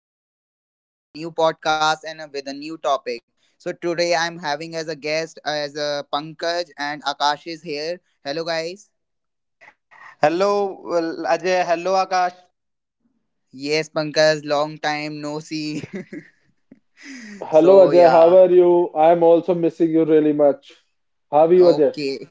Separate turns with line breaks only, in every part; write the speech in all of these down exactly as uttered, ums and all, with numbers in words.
now I came back again with a new podcast and uh, with a new topic. So today I'm having as a guest uh, as uh, Pankaj and Akash is here. Hello guys.
Hello, well, Ajay. Hello, Akash.
Yes, Pankaj, long time no see.
Hello
So
Ajay, how
yeah,
are you? I am also missing you really much. How are you, Ajay?
okay.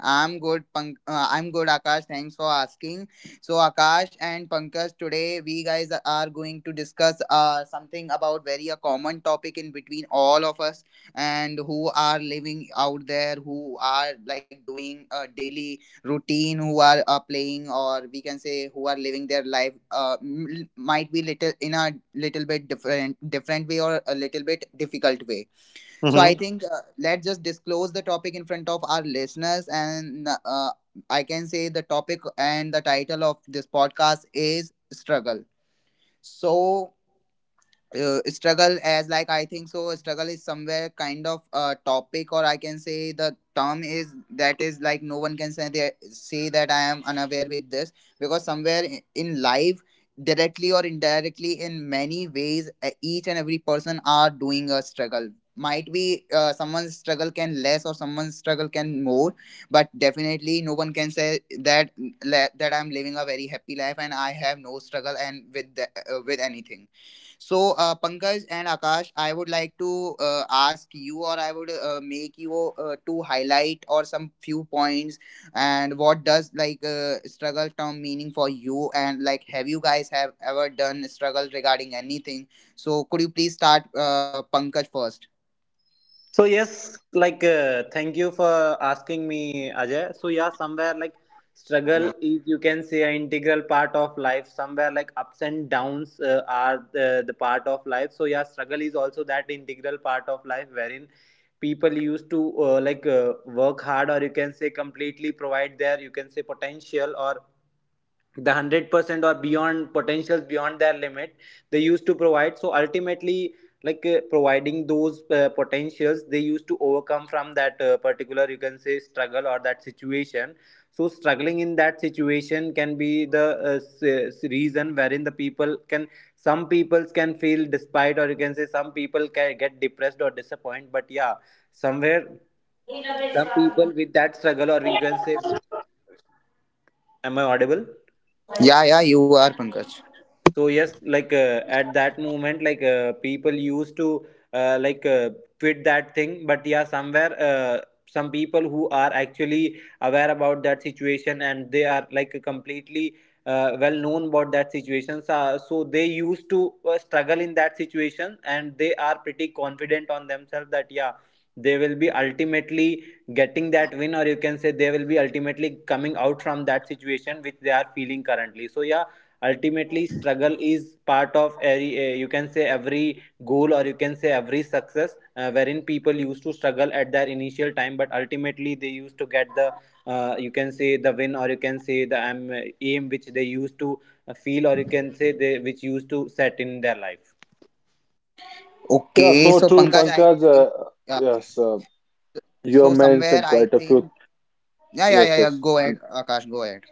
I'm good, Pank- uh, I'm good, Akash. Thanks for asking. So, Akash and Pankaj, today we guys are going to discuss uh, something about very a common topic in between all of us and who are living out there, who are like doing a daily routine, who are uh, playing, or we can say who are living their life. Uh, m- might be little in a little bit different, different way or a little bit difficult way. So I
hmm
think uh, let's just disclose the topic in front of our listeners, and uh, I can say the topic and the title of this podcast is struggle. So uh, struggle as like I think so struggle is somewhere kind of a topic or I can say the term is that is like no one can say that, say that I am unaware with this because somewhere i- in life directly or indirectly in many ways e- each and every person are doing a struggle might be uh, someone's struggle can less or someone's struggle can more, but definitely no one can say that that I'm living a very happy life and I have no struggle and with the, uh, with anything. So, uh, Pankaj and Akash, I would like to uh, ask you, or I would uh, make you uh, to highlight or some few points, and what does like uh, struggle term meaning for you, and like have you guys have ever done struggle regarding anything? So, could you please start, uh, Pankaj first?
So yes, like uh, thank you for asking me, Ajay. So yeah, somewhere like struggle is, you can say, an integral part of life. Somewhere like ups and downs uh, are the, the part of life. So yeah, struggle is also that integral part of life wherein people used to, uh, like uh, work hard, or you can say completely provide their, you can say, potential, or the one hundred percent or beyond potentials, beyond their limit they used to provide. So ultimately, like uh, providing those uh, potentials, they used to overcome from that uh, particular, you can say, struggle or that situation. So struggling in that situation can be the uh, reason wherein the people can some people can feel despite, or you can say some people can get depressed or disappointed. But yeah, somewhere some people with that struggle, or you can say, am I audible?
Yeah, yeah, you are Pankaj.
So yes, like uh, at that moment, like uh, people used to, uh, like uh, quit that thing. But yeah, somewhere, uh, some people who are actually aware about that situation, and they are like completely uh, well known about that situation, so, so they used to uh, struggle in that situation, and they are pretty confident on themselves that yeah, they will be ultimately getting that win, or you can say they will be ultimately coming out from that situation which they are feeling currently. So yeah, ultimately struggle is part of every, uh, you can say, every goal, or you can say every success uh, wherein people used to struggle at their initial time, but ultimately they used to get the, uh, you can say the win, or you can say the um, aim which they used to uh, feel, or you can say they which used to set in their life.
Yeah,
Okay,
so
so
true,
Pankaj, I
Pankaj. Uh,
think yeah.
yes, uh, you have
So somewhere,
mentioned
I
quite a
think
few.
yeah, yeah,
Yes,
yeah, yeah.
yes.
Go ahead, Akash. Go ahead.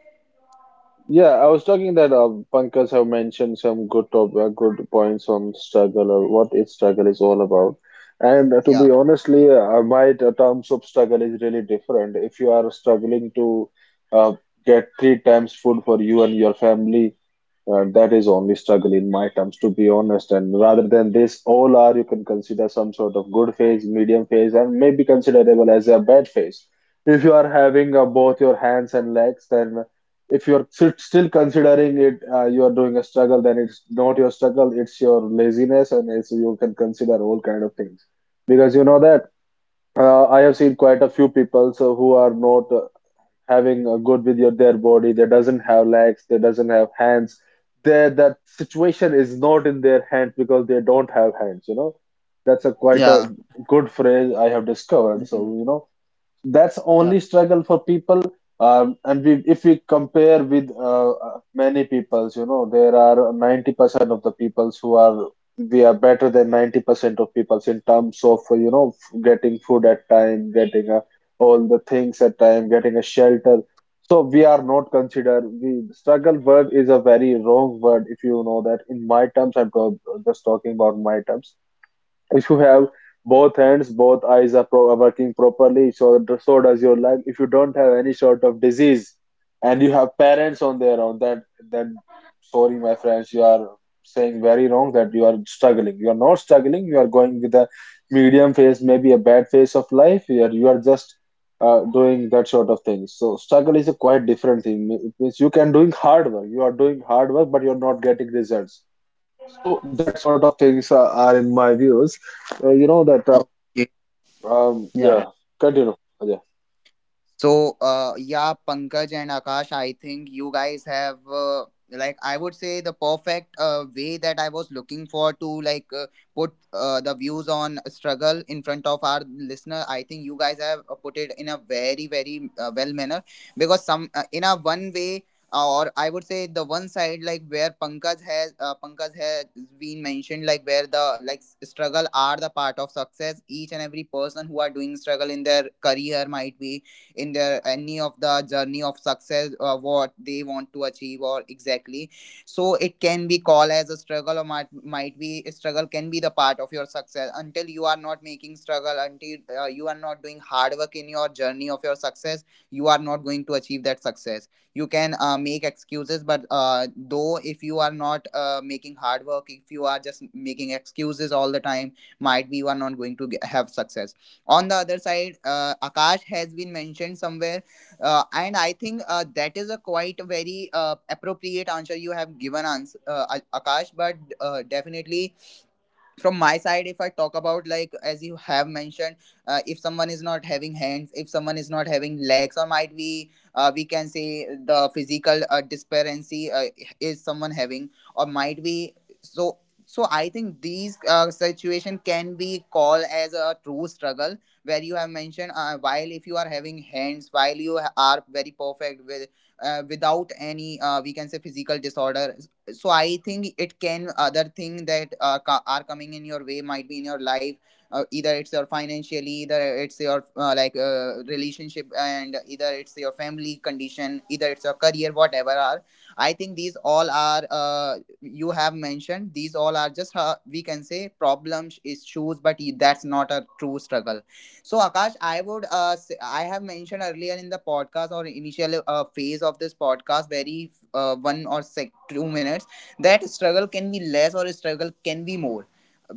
Yeah, I was talking that uh, Pankaj have mentioned some good top, uh, good points on struggle or what what is struggle is all about. And uh, to
Yeah,
be honestly, uh, uh, my t- terms of struggle is really different. If you are struggling to uh, get three times food for you and your family. Uh, that is only struggle in my terms, to be honest. And rather than this, all are you can consider some sort of good phase, medium phase, and maybe considerable as a bad phase. If you are having uh, both your hands and legs, then if you are sit- still considering it, uh, you are doing a struggle, then it's not your struggle, it's your laziness, and it's, you can consider all kind of things. Because you know that uh, I have seen quite a few people so who are not uh, having a good with your their body, they doesn't have legs, they doesn't have hands, their that situation is not in their hands because they don't have hands, you know. That's a quite a
yeah.
good phrase I have discovered, so
Mhm.
you know that's
Yeah.
only struggle for people. Um, and we, if we compare with uh, uh, many peoples, you know there are ninety percent of the peoples who are, we are better than ninety percent of peoples in terms of uh, you know, f- getting food at time, getting uh, all the things at time, getting a shelter. So we are not considered, we struggle word is a very wrong word, if you know that, in my terms. I'm talk, just talking about my terms. If you have both hands, both eyes are pro- are working properly, so so does your leg. If you don't have any sort of disease, and you have parents on their own, that, then sorry, my friends, you are saying very wrong that you are struggling. You are not struggling. You are going with a medium phase, maybe a bad phase of life. You are you are just uh, doing that sort of thing. So struggle is a quite different thing. It means you can doing hard work. You are doing hard work, but you are not getting results, so that sort of things are, are in my views. Uh, you know that. Uh, um. Yeah.
Okay.
Continue. Yeah.
So, uh, yeah, Pankaj and Akash, I think you guys have, uh, like, I would say the perfect uh, way that I was looking for to, like, uh, put uh, the views on struggle in front of our listener. I think you guys have uh, put it in a very, very uh, well manner because some, uh, in a one way, uh, or I would say the one side, like where Pankaj has uh, Pankaj has been mentioned, like where the like s- struggle are the part of success. Each and every person who are doing struggle in their career might be in their any of the journey of success uh, what they want to achieve or exactly, so it can be called as a struggle or might, might be struggle can be the part of your success until you are not making struggle until uh, you are not doing hard work in your journey of your success, you are not going to achieve that success. You can uh, make excuses but uh, though if you are not uh, making hard work, if you are just making excuses all the time, might be you are not going to ge- have success. On the other side uh, Akash has been mentioned somewhere, uh, and I think uh, that is a quite very uh, appropriate answer you have given ans- uh, A- Akash, but uh, definitely from my side if I talk about, like as you have mentioned, uh, if someone is not having hands, if someone is not having legs, or might be uh, we can say the physical uh, disparity uh, is someone having or might be, so so I think these uh, situation can be called as a true struggle where you have mentioned. Uh, while if you are having hands, while you ha- are very perfect with uh, without any uh, we can say physical disorder, so I think it can other thing that uh, co- are coming in your way might be in your life, uh, either it's your financially, either it's your uh, like uh, relationship, and either it's your family condition, either it's your career, whatever are, I think these all are, uh, you have mentioned, these all are just uh, we can say problems issues but y- that's not a true struggle. So Akash, I would uh, say, I have mentioned earlier in the podcast or initial uh, phase of this podcast very uh, one or sec- two minutes, that struggle can be less or struggle can be more.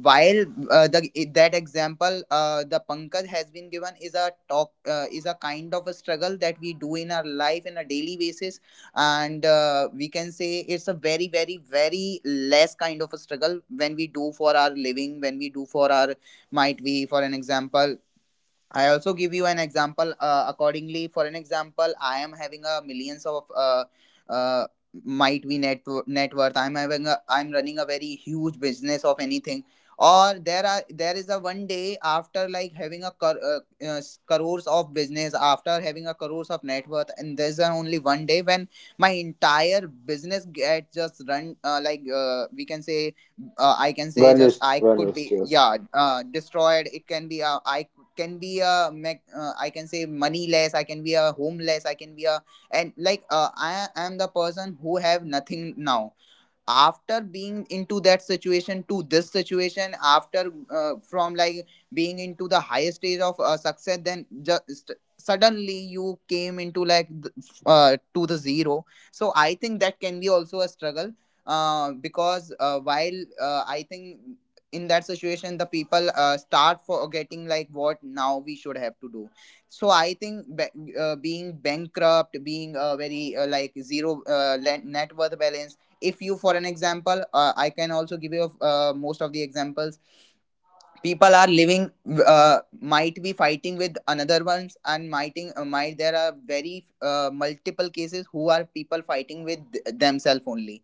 While uh, the that example, uh, the Pankaj has been given is a talk uh, is a kind of a struggle that we do in our life in a daily basis, and uh, we can say it's a very, very, very less kind of a struggle when we do for our living, when we do for our, might be for an example. I also give you an example uh, accordingly. For an example, I am having a millions of uh, uh, might be net net worth. I'm having a I'm running a very huge business of anything. Or there are there is a one day after like having a cor- uh, uh, s- crores of business, after having a crores of net worth, and there's a only one day when my entire business gets just run uh, like uh, we can say uh, I can say just
Vanished.
I could
Vanished.
be
Yes.
yeah uh, destroyed. It can be uh, I can be a mech- uh, I can say moneyless, I can be a homeless, I can be a, and like uh, I am the person who have nothing now, after being into that situation to this situation, after uh, from like being into the highest stage of uh, success, then just suddenly you came into like th- uh, to the zero. So I think that can be also a struggle, uh, because uh, while uh, I think in that situation the people uh, start forgetting like what now we should have to do. So I think ba- uh, being bankrupt, being uh, very uh, like zero, uh, le- net worth balance. If you, for an example, uh, I can also give you uh, most of the examples. People are living, uh, might be fighting with another ones, and mighting uh, might there are very uh, multiple cases who are people fighting with themselves only,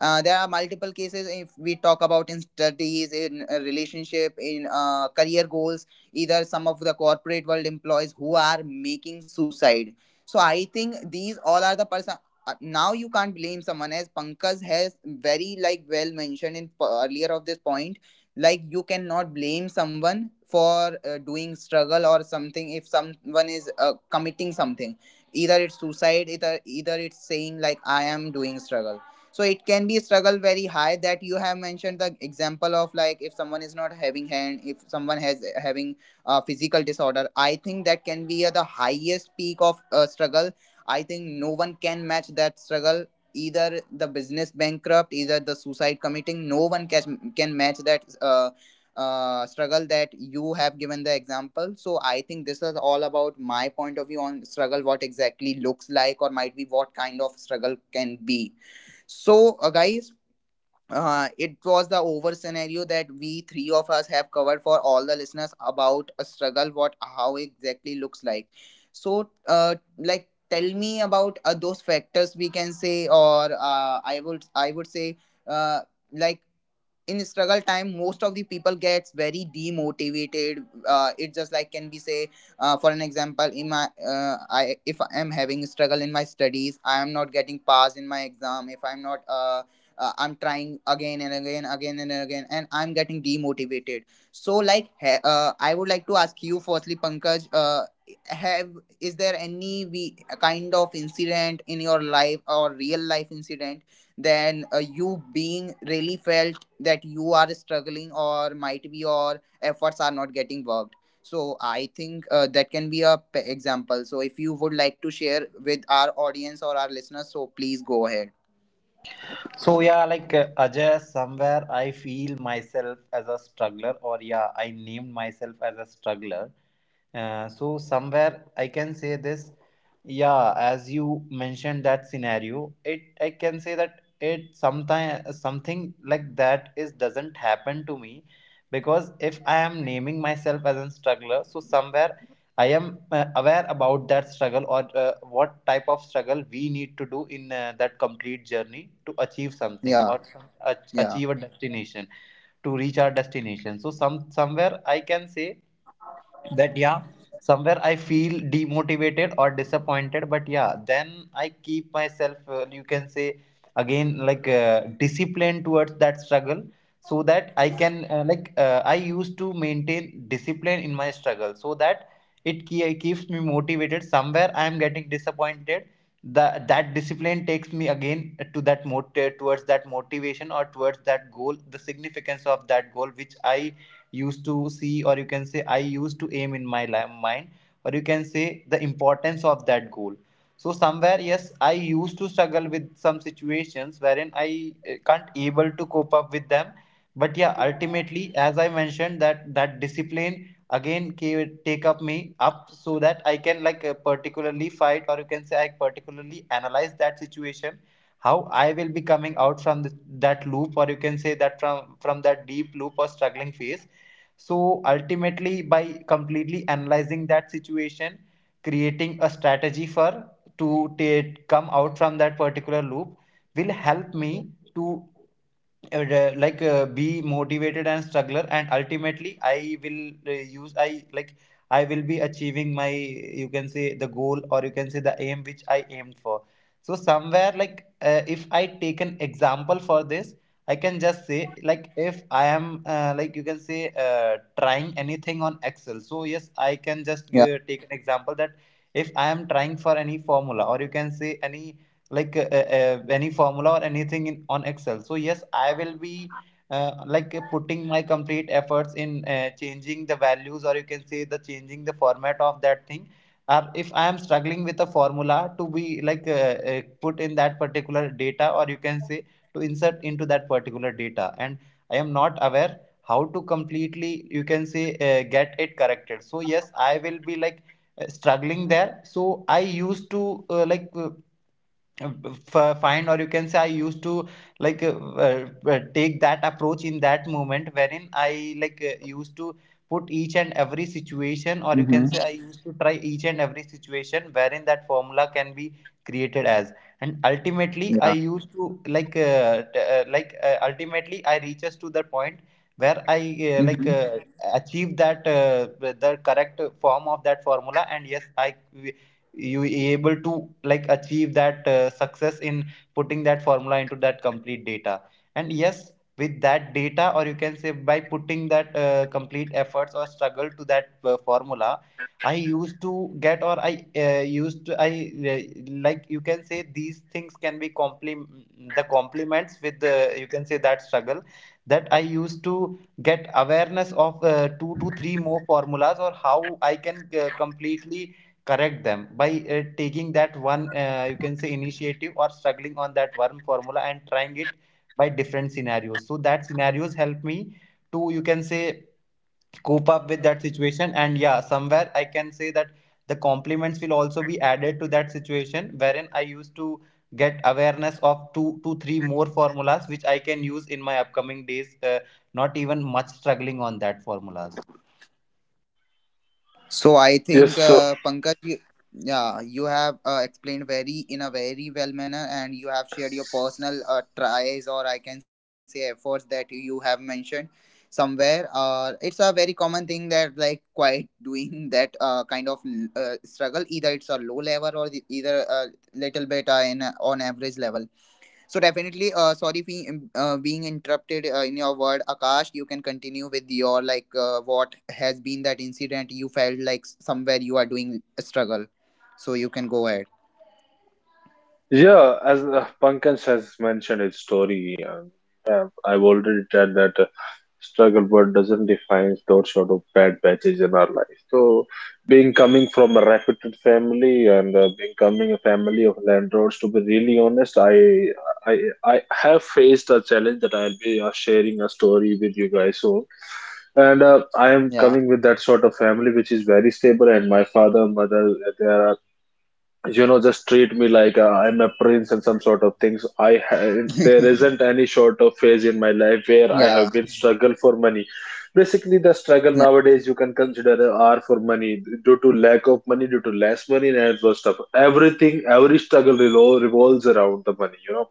uh, there are multiple cases if we talk about in studies, in a relationship, in uh, career goals. Either some of the corporate world employees who are making suicide. So I think these all are the person. uh, Now you can't blame someone, as Pankaj has very like well mentioned in p- earlier of this point. Like you cannot blame someone for uh, doing struggle or something if someone is uh, committing something. Either it's suicide, either either it's saying like I am doing struggle, so it can be struggle very high, that you have mentioned the example of, like if someone is not having hand, if someone has eh, having a physical disorder, I think that can be uh, the highest peak of uh, struggle. I think no one can match that struggle, either the business bankrupt, either the suicide committing, no one can can match that uh, uh, struggle that you have given the example. So I think this is all about my point of view on struggle, what exactly looks like or might be what kind of struggle can be. So, uh, guys, uh, it was the over scenario that we three of us have covered for all the listeners about a struggle, what how exactly looks like. So, uh, like tell me about uh, those factors we can say, or uh, I would I would say, uh, like in struggle time most of the people gets very demotivated, uh, it just like can be say, uh, for an example in my, uh, I if I am having struggle in my studies, I am not getting passed in my exam, if I'm not uh, uh, I'm trying again and again, again and again, and I'm getting demotivated. So like ha- uh, I would like to ask you firstly, Pankaj, uh, have is there any we kind of incident in your life, or real life incident, then uh, you being really felt that you are struggling or might be your efforts are not getting worked, so I think uh, that can be a p- example, so if you would like to share with our audience or our listeners, so please go ahead.
So yeah, like uh, Ajay, somewhere I feel myself as a struggler, or yeah, I named myself as a struggler. Uh, so somewhere I can say this, yeah, as you mentioned that scenario, it I can say that it sometime something like that is doesn't happen to me. Because if I am naming myself as a struggler, so somewhere I am uh, aware about that struggle, or uh, what type of struggle we need to do in uh, that complete journey to achieve something,
Yeah,
or some, ach-
yeah,
achieve a destination, to reach our destination. So some somewhere I can say that yeah, somewhere I feel demotivated or disappointed, but yeah, then I keep myself, uh, you can say, again like uh, disciplined towards that struggle, so that I can, uh, like uh, I used to maintain discipline in my struggle, so that it ke- keeps me motivated. Somewhere I am getting disappointed, The that discipline takes me again to that mot- towards that motivation, or towards that goal, the significance of that goal which I used to see, or you can say I used to aim in my mind, or you can say the importance of that goal. So somewhere yes, I used to struggle with some situations wherein I uh, can't able to cope up with them. But yeah, ultimately, as I mentioned, that that discipline again ca- take up me up, so that I can like uh, particularly fight, or you can say I particularly analyze that situation, how I will be coming out from the, that loop, or you can say that from from that deep loop or struggling phase. So ultimately, by completely analyzing that situation, creating a strategy for, to take, come out from that particular loop, will help me to, uh, like uh, be motivated and struggler, and ultimately I will uh, use I like I will be achieving my, you can say, the goal, or you can say the aim which I aimed for. So somewhere, like uh, if I take an example for this, I can just say like if I am, uh, like you can say, uh, trying anything on Excel. So yes, I can just
yeah,
give, take an example that if I am trying for any formula, or you can say any, like uh, uh, uh, any formula, or anything in, on Excel. So yes, I will be, uh, like uh, putting my complete efforts in uh, changing the values, or you can say the changing the format of that thing, or if I am struggling with a formula to be like uh, uh, put in that particular data, or you can say to insert into that particular data, and I am not aware how to completely, you can say, uh, get it corrected. So yes, I will be like uh, struggling there. So I used to, uh, like uh, uh, f- uh, find, or you can say I used to, like uh, uh, uh, take that approach in that moment wherein I like uh, used to put each and every situation, or you can say
mm-hmm,
I used to try each and every situation wherein that formula can be created as, and ultimately I
yeah,
used to like uh, t- uh, like uh, ultimately I reaches to the point where I, uh, like
mm-hmm.
uh, achieve that, uh, the correct form of that formula, and yes, I you able to like achieve that uh, success in putting that formula into that complete data. And yes, with that data, or you can say by putting that uh, complete efforts or struggle to that uh, formula, I used to get, or I uh, used to I uh, like, you can say, these things can be complim the compliments with the, you can say, that struggle, that I used to get awareness of uh, two to three more formulas, or how I can uh, completely correct them by uh, taking that one, uh, you can say, initiative, or struggling on that one formula and trying it by different scenarios, so that scenarios help me to, you can say, cope up with that situation. And yeah, somewhere I can say that the compliments will also be added to that situation wherein I used to get awareness of two to three more formulas which I can use in my upcoming days, uh, not even much struggling on that formulas.
So I think
Yes, so
uh, Pankaj, you, yeah, you have uh, explained very in a very well manner, and you have shared your personal uh, tries or I can say efforts that you have mentioned somewhere. Uh, it's a very common thing that like quite doing that uh, kind of uh, struggle. Either it's a low level or the, either a little bit uh, in a- on average level. So definitely, uh, sorry for um, uh, being interrupted uh, in your word, Akash. You can continue with your like uh, what has been that incident you felt like somewhere you are doing a struggle. So you can go ahead.
yeah, as uh, Pankaj has mentioned his story, and uh, I've already said that struggle but doesn't define those sort of bad patches in our life. So being coming from a reputed family and uh, being coming a family of landlords, to be really honest, i i I have faced a challenge that I'll be uh, sharing a story with you guys soon. And uh, I am
Yeah,
coming with that sort of family which is very stable, and my father mother, there are uh, you know, just treat me like uh, I'm a prince, and some sort of things i ha- there isn't any sort of phase in my life where I have
yeah,
been struggle for money. Basically the struggle
yeah,
nowadays you can consider uh, are for money, due to lack of money, due to less money, and all those stuff. Everything, every struggle revol- revolves around the money, you know.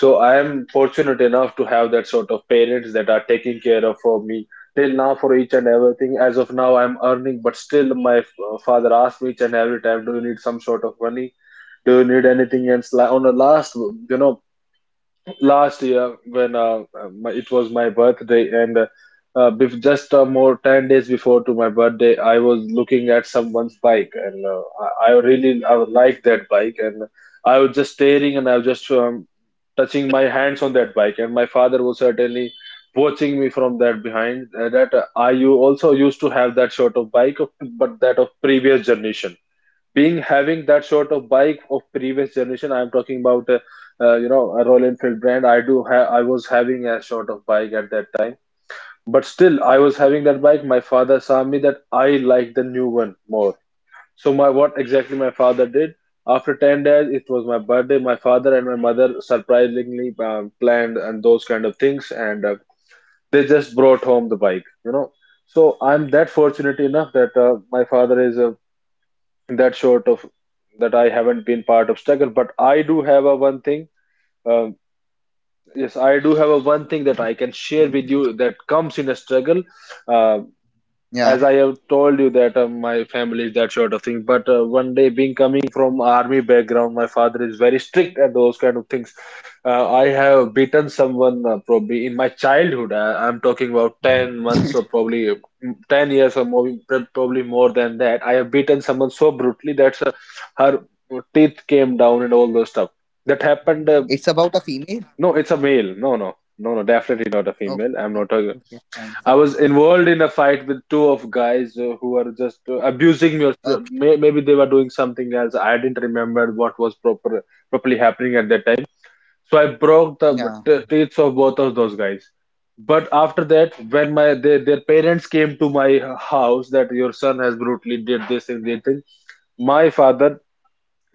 So I am fortunate enough to have that sort of parents that are taking care of for me till now, for each and everything. As of now, I'm earning, but still, my f- uh, father asks me each and every time, "Do you need some sort of money? Do you need anything else?" Like on the last, you know, last year when uh, my, it was my birthday, and uh, uh, bef- just uh, more ten days before to my birthday, I was looking at someone's bike, and uh, I, I really I would like that bike. And I was just staring and I was just um, touching my hands on that bike, and my father was certainly watching me from that behind. Uh, that uh, I, you also used to have that sort of bike of- but that of previous generation. Being having that sort of bike of previous generation, I'm talking about uh, uh, you know, a Royal Enfield brand. i do ha- I was having a sort of bike at that time, but still I was having that bike. My father saw me that I like the new one more. So my, what exactly my father did, after ten days it was my birthday. My father and my mother surprisingly um, planned, and those kind of things, and uh, they just brought home the bike, you know. So I'm that fortunate enough that uh, my father is a that sort of, that I haven't been part of struggle, but I do have a one thing. Um, yes, I do have a one thing that I can share with you that comes in a struggle. Um, as I
yeah.
have told you that uh, my family is that sort of thing. But uh, one day, being coming from army background, my father is very strict at those kind of things. Uh, I have beaten someone uh, probably in my childhood. I, I'm talking about ten months or probably uh, ten years or more, probably more than that. I have beaten someone so brutally that uh, her teeth came down and all those stuff. That happened. Uh,
It's about a female.
no, it's a male. No, no, no, no. Definitely not a
Okay,
female. I'm not talking.
okay, okay, fine,
I
fine.
was involved in a fight with two of guys uh, who were just uh, abusing me. Or so-
Okay,
may- maybe they were doing something else. I didn't remember what was proper properly happening at that time. So I broke the
yeah.
t- teeth of both of those guys. But after that, when my their, their parents came to my house that your son has brutally did this and did thing, my father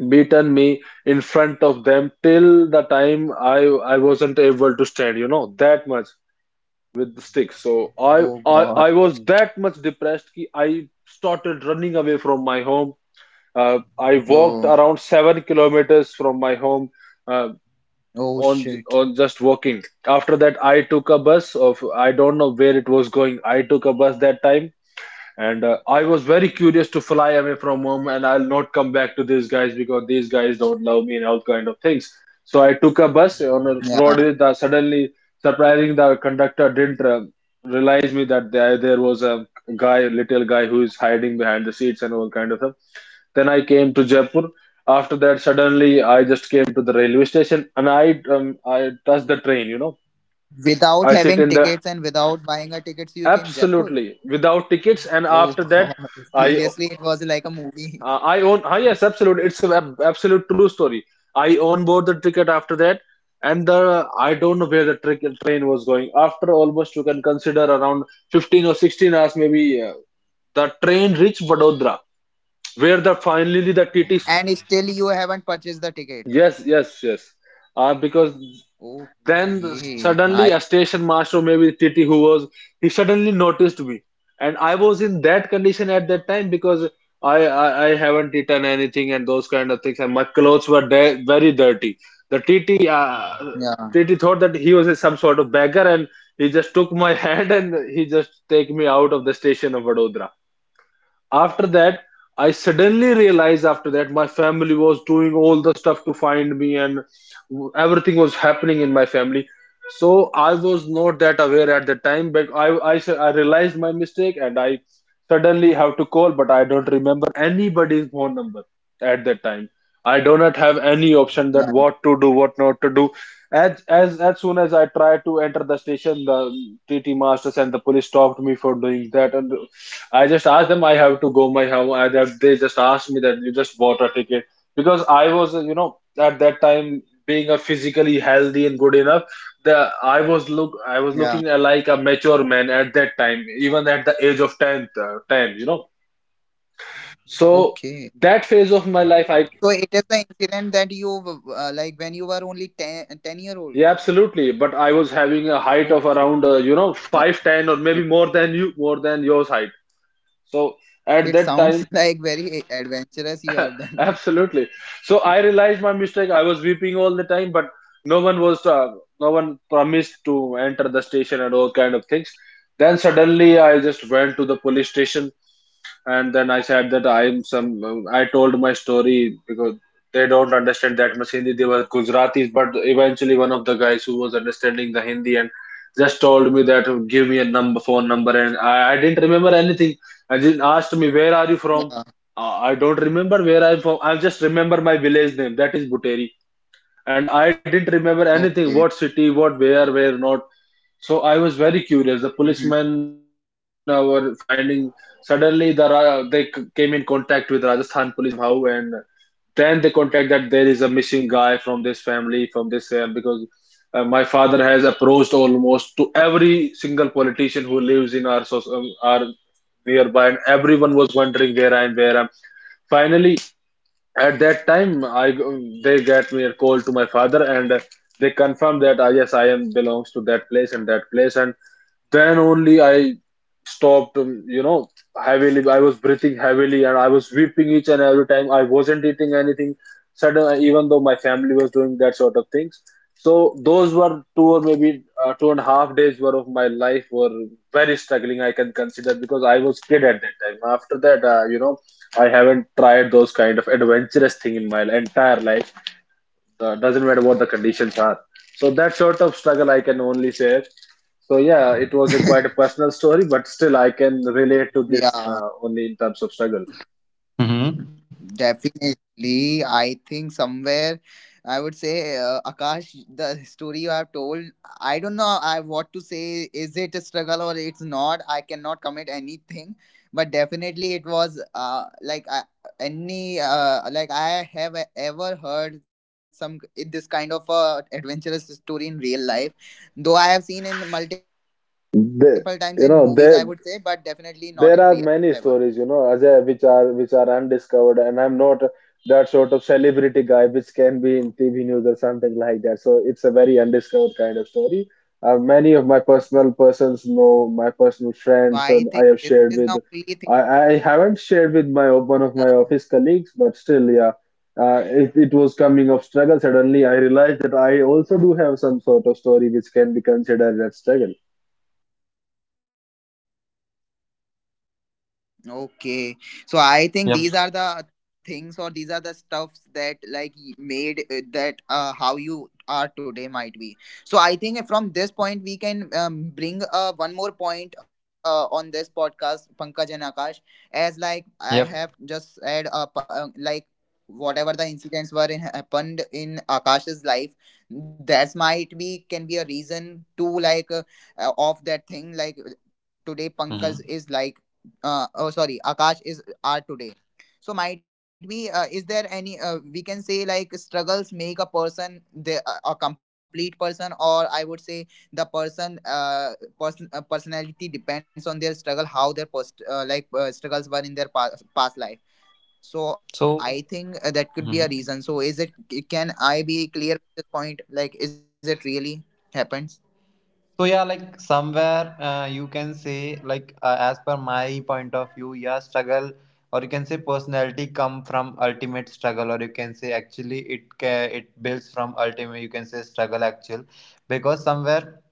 beaten me in front of them till the time I I wasn't able to stand. You know that much, with the stick. So I,
Oh
I
God.
I was that much depressed कि I started running away from my home. Uh, I walked
Oh,
around seven kilometers from my home, uh,
oh
on
shit.
on just walking. After that, I took a bus of I don't know where it was going. I took a bus that time, and uh, I was very curious to fly away from home, and I'll not come back to these guys because these guys don't love me and all kind of things. So I took a bus on a
Yeah.
road. The, suddenly, surprising, the conductor didn't uh, realize me that there, there was a guy, little guy, who is hiding behind the seats and all kind of stuff. Then I came to Jaipur. After that, suddenly I just came to the railway station, and I um, I touched the train, you know,
Without
I sit
having
in the,
tickets and without buying a tickets, you came Jaipur.
absolutely without tickets. And
Oh
after that,
God.
I.
Seriously, it was like a movie.
Uh, I own. Uh, yes, absolute, it's an ab- absolute true story. I own board the ticket after that, and the I don't know where the trick, train was going. After almost you can consider around fifteen or sixteen hours, maybe uh, the train reached Vadodara, where the finally the T T C.
And still you haven't purchased the ticket.
Yes, yes, yes. Uh, because then
Okay,
suddenly
I
a station master, maybe T T who was, he suddenly noticed me. And I was in that condition at that time because I, I, I haven't eaten anything and those kind of things. And my clothes were de- very dirty. The T T, uh,
yeah,
T T thought that he was some sort of beggar, and he just took my hand and he just take me out of the station of Vadodara. After that I suddenly realized after that my family was doing all the stuff to find me, and everything was happening in my family. So I was not that aware at the time, but i i, s- I realized my mistake, and I suddenly have to call, but I don't remember anybody's phone number at that time. I do not have any option that
yeah,
what to do, what not to do. As as as soon as I tried to enter the station, the TT masters and the police stopped me for doing that. And I just asked them I have to go my home. I, that they just asked me that you just bought a ticket, because I was, you know, at that time being a physically healthy and good enough. The I was look I was
yeah.
looking like a mature man at that time, even at the age of tenth, uh, ten, you know. So
Okay,
that phase of my life, I,
so it is the incident that you uh, like when you were only ten, ten-year old.
yeah, absolutely. But I was having a height of
Okay,
around uh, you know
it,
five ten, or maybe
it
more than you more than yours height. So at
it
that
sounds
time
like very adventurous you have done.
absolutely. So I realized my mistake. I was weeping all the time, but no one was uh, no one promised to enter the station and all kind of things. Then suddenly I just went to the police station and then I said that I'm some. I told my story because they don't understand that much Hindi. They were Gujaratis, but eventually one of the guys who was understanding the Hindi and just told me that give me a number, phone number, and I, I didn't remember anything. And he asked me where are you from.
Yeah.
Uh, I don't remember where I'm from. I just remember my village name. That is Buteri, and I didn't remember anything
Okay.
what city, what where, where not. So I was very curious. The
Mhm.
policemen uh, were finding suddenly the Ra- they c- came in contact with Rajasthan police somehow, and then they contact that there is a missing guy from this family from this um, because uh, my father has approached almost to every single politician who lives in our soc- um, our nearby, and everyone was wondering where I am, where I am. Finally, at that time, I they get me a call to my father, and they confirm that I yes, I am belongs to that place and that place, and then only I stopped. um, You know, heavily. I was breathing heavily, and I was weeping each and every time. I wasn't eating anything. Sudden, even though my family was doing that sort of things. So those were two or maybe uh, two and a half days were of my life were very struggling. I can consider because I was kid at that time. After that, uh, you know. I haven't tried those kind of adventurous thing in my entire life. Uh, doesn't matter what the conditions are. So that sort of struggle I can only say. So yeah, it was a quite a personal story, but still I can relate to this
Yeah.
uh, only in terms of struggle.
Mm-hmm.
Definitely, I think somewhere I would say uh, Akash, the story you have told, I don't know I what to say. Is it a struggle or it's not? I cannot commit anything, but definitely it was uh, like I, any uh, like I have e- ever heard some k- this kind of a adventurous story in real life, though I have seen in multiple times in movies. I would say,
They,
but
you
definitely
know,
not
they,
in real life ever.
There are many stories, you know, Ajay, which are which are undiscovered, and I'm not that sort of celebrity guy which can be in T V news or something like that. So it's a very undiscovered kind of story. Uh, many of my
So I
personal
think
persons
this is
know
the
my
only thing.
personal friends, and I have shared with.
uh,
I, I haven't shared with my one of my office colleagues, but still, yeah, uh, it, it was coming of struggle. Suddenly, I realized that I also do have some sort of story which can be considered as struggle.
Okay, so I think these are the things or these are the
yep
stuffs that like y- made uh, that uh, how you are today might be. So I think from this point we can um, bring uh, one more point uh, on this podcast, Pankaj and Akash, as like I have just said, uh, p- uh, like
yep
whatever the incidents were in happened in Akash's life, that might be can be a reason to like uh, uh, of that thing like today Pankaj is like uh, oh sorry
mm-hmm.
Akash is are today. So might be uh, is there any uh, we can say like struggles make a person the a a complete person or I would say the person uh, person uh, personality depends on their struggle, how their post uh, like uh, struggles were in their past, past life. So I think uh, that could be a reason, so is it,
so
can I be clear
Mhm.
with this point like is it really happens?
So yeah, like somewhere,
so
uh, you can say, like uh, as per my point of view, yeah, struggle, or you can say personality, come from ultimate struggle, or you can say actually it ca- it builds from ultimate, you can say, struggle actual. Because somewhere,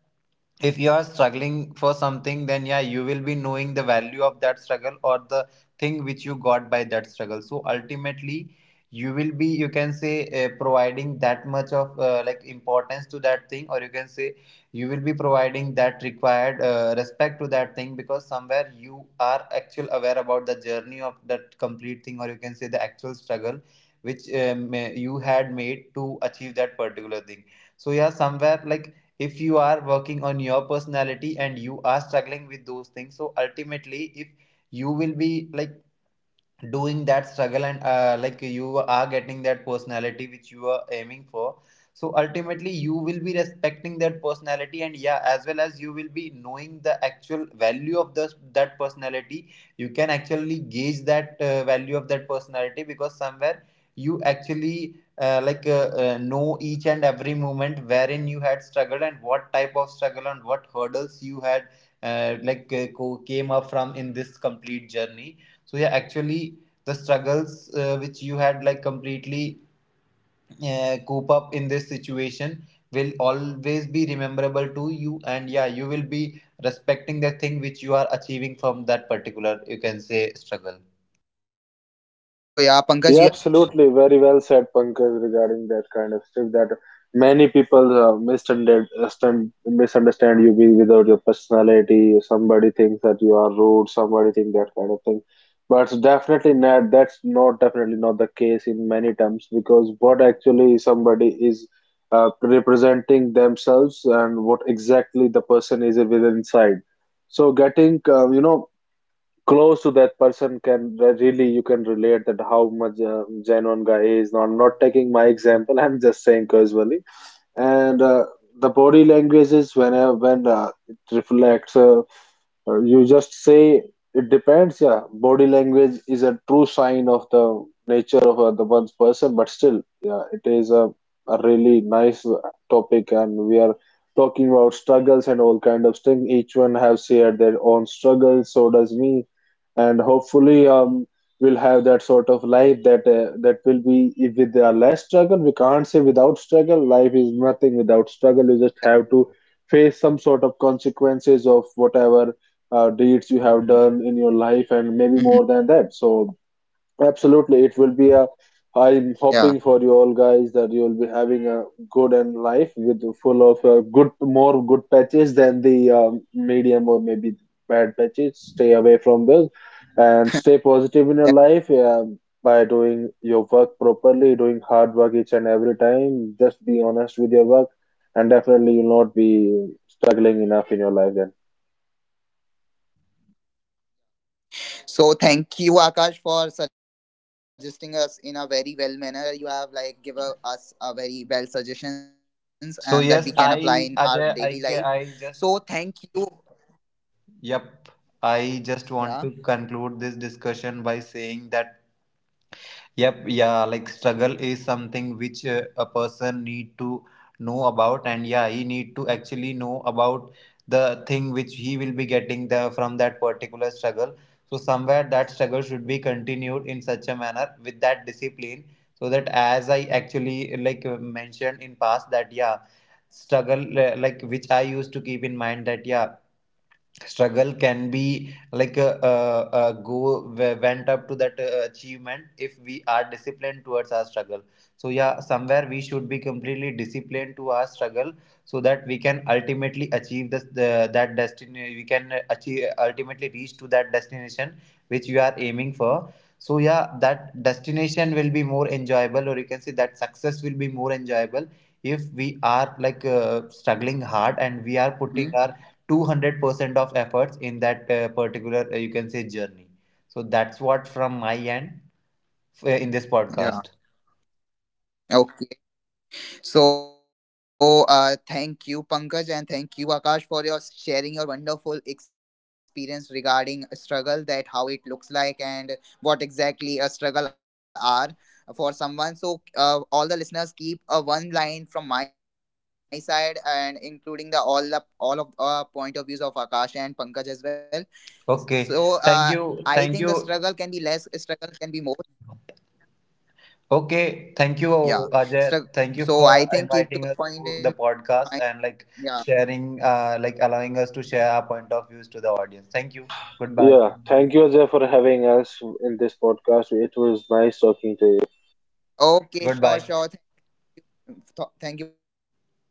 if you are struggling for something, then yeah, you will be knowing the value of that struggle, or the thing which you got by that struggle. So ultimately you will be, you can say, uh, providing that much of, uh, like, importance to that thing, or you can say you will be providing that required uh, respect to that thing, because somewhere you are actual aware about the journey of that complete thing, or you can say the actual struggle which um, you had made to achieve that particular thing. So yeah, somewhere, like if you are working on your personality and you are struggling with those things, so ultimately, if you will be like doing that struggle and, uh, like you are getting that personality which you are aiming for, so ultimately you will be respecting that personality, and yeah, as well as you will be knowing the actual value of the that personality. You can actually gauge that uh, value of that personality, because somewhere you actually, uh, like uh, uh, know each and every moment wherein you had struggled, and what type of struggle and what hurdles you had, uh, like uh, co- came up from in this complete journey. So yeah, actually, the struggles uh, which you had like completely uh, cope up in this situation will always be rememberable to you, and yeah, you will be respecting the thing which you are achieving from that particular, you can say, struggle.
Yeah,
so
absolutely.
yeah,
Very
Pankaj,
well
you
said,
have.
Pankaj, regarding that kind of stuff that many people uh, misunderstand, misunderstand you being without your personality. Somebody thinks that you are rude, somebody think that kind of thing. But definitely not, that's not definitely not the case in many terms because what actually somebody is uh, representing themselves and what exactly the person is within inside. So getting, uh, you know, close to that person can re- really you can relate that how much uh, genuine guy is. No, I'm not taking my example I'm just saying casually, and uh, the body language is when uh, when uh, it reflects uh, uh, you just say it depends. Yeah, body language is a true sign of the nature of uh, the one's person, but still yeah, it is a, a really nice uh, topic, and we are talking about struggles and all kind of thing. Each one have shared their own struggles, so does me, and hopefully um, we'll have that sort of life that uh, that will be, if with uh, less struggle. We can't say without struggle life is nothing. Without struggle you just have to face some sort of consequences of whatever uh, deeds you have done in your
Mhm.
life, and maybe more than that. So absolutely, it will
Yeah.
be a. I'm hoping for you all guys that you will be having a good and life with full of uh, good, more good patches than the um, medium or maybe bad patches. Stay away from those and stay positive in your life um, by doing your work properly, doing hard work each and every time. Just be honest with your work, and definitely you'll not be struggling enough in your life then.
So thank you, Akash, for suggesting us in a very well manner. You have like given us a very well suggestions, and that we can apply in our daily
So
life.
yes, I,
So
Ajay,
thank
i
you.
ca- I just,
Yeah.
yep, I just want to conclude this discussion by saying that, yep, yeah, like struggle is something which uh, a person need to know about, and yeah, he need to actually know about the thing which he will be getting the from that particular struggle. So somewhere that struggle should be continued in such a manner with that discipline, so that, as I actually like uh, mentioned in past, that yeah, struggle uh, like which I used to keep in mind, that yeah, struggle can be like a, uh uh go w- went up to that uh, achievement if we are disciplined towards our struggle. So yeah, somewhere we should be completely disciplined to our struggle, so that we can ultimately achieve this the, that destiny, we can achieve, ultimately reach to that destination which we are aiming for. So yeah, that destination will be more enjoyable, or you can say that success will be more enjoyable, if we are like uh, struggling
Mhm.
hard and we are putting our two hundred percent of efforts in that uh, particular, uh, you can say, journey. So that's what from my end,
Yeah.
uh, in this podcast.
Okay. So, uh, thank you, Pankaj, and thank you, Akash, for your sharing your wonderful experience regarding a struggle, that how it looks like and what exactly a struggle are for someone. So, uh, all the listeners keep a one line from my side, and including the all the, all of uh, point of views of Akash and Pankaj as well. So, uh, I think the struggle
Okay,
can be
thank
less,
you,
struggle
thank
can be
you.
more. Yeah. Strug-
Okay,
so, I
thank you,
think keep those
Ajay.
point in
Thank you for
mind.
inviting us
Yeah.
to the podcast, and like sharing, uh, like, allowing us to share our point of views to the audience. Thank you. Goodbye.
Yeah, thank you, Ajay, for having us in this podcast. It was nice
Okay,
talking
sure,
to you.
sure.
Goodbye.
Th- thank you for having us. Bye bye. Take care.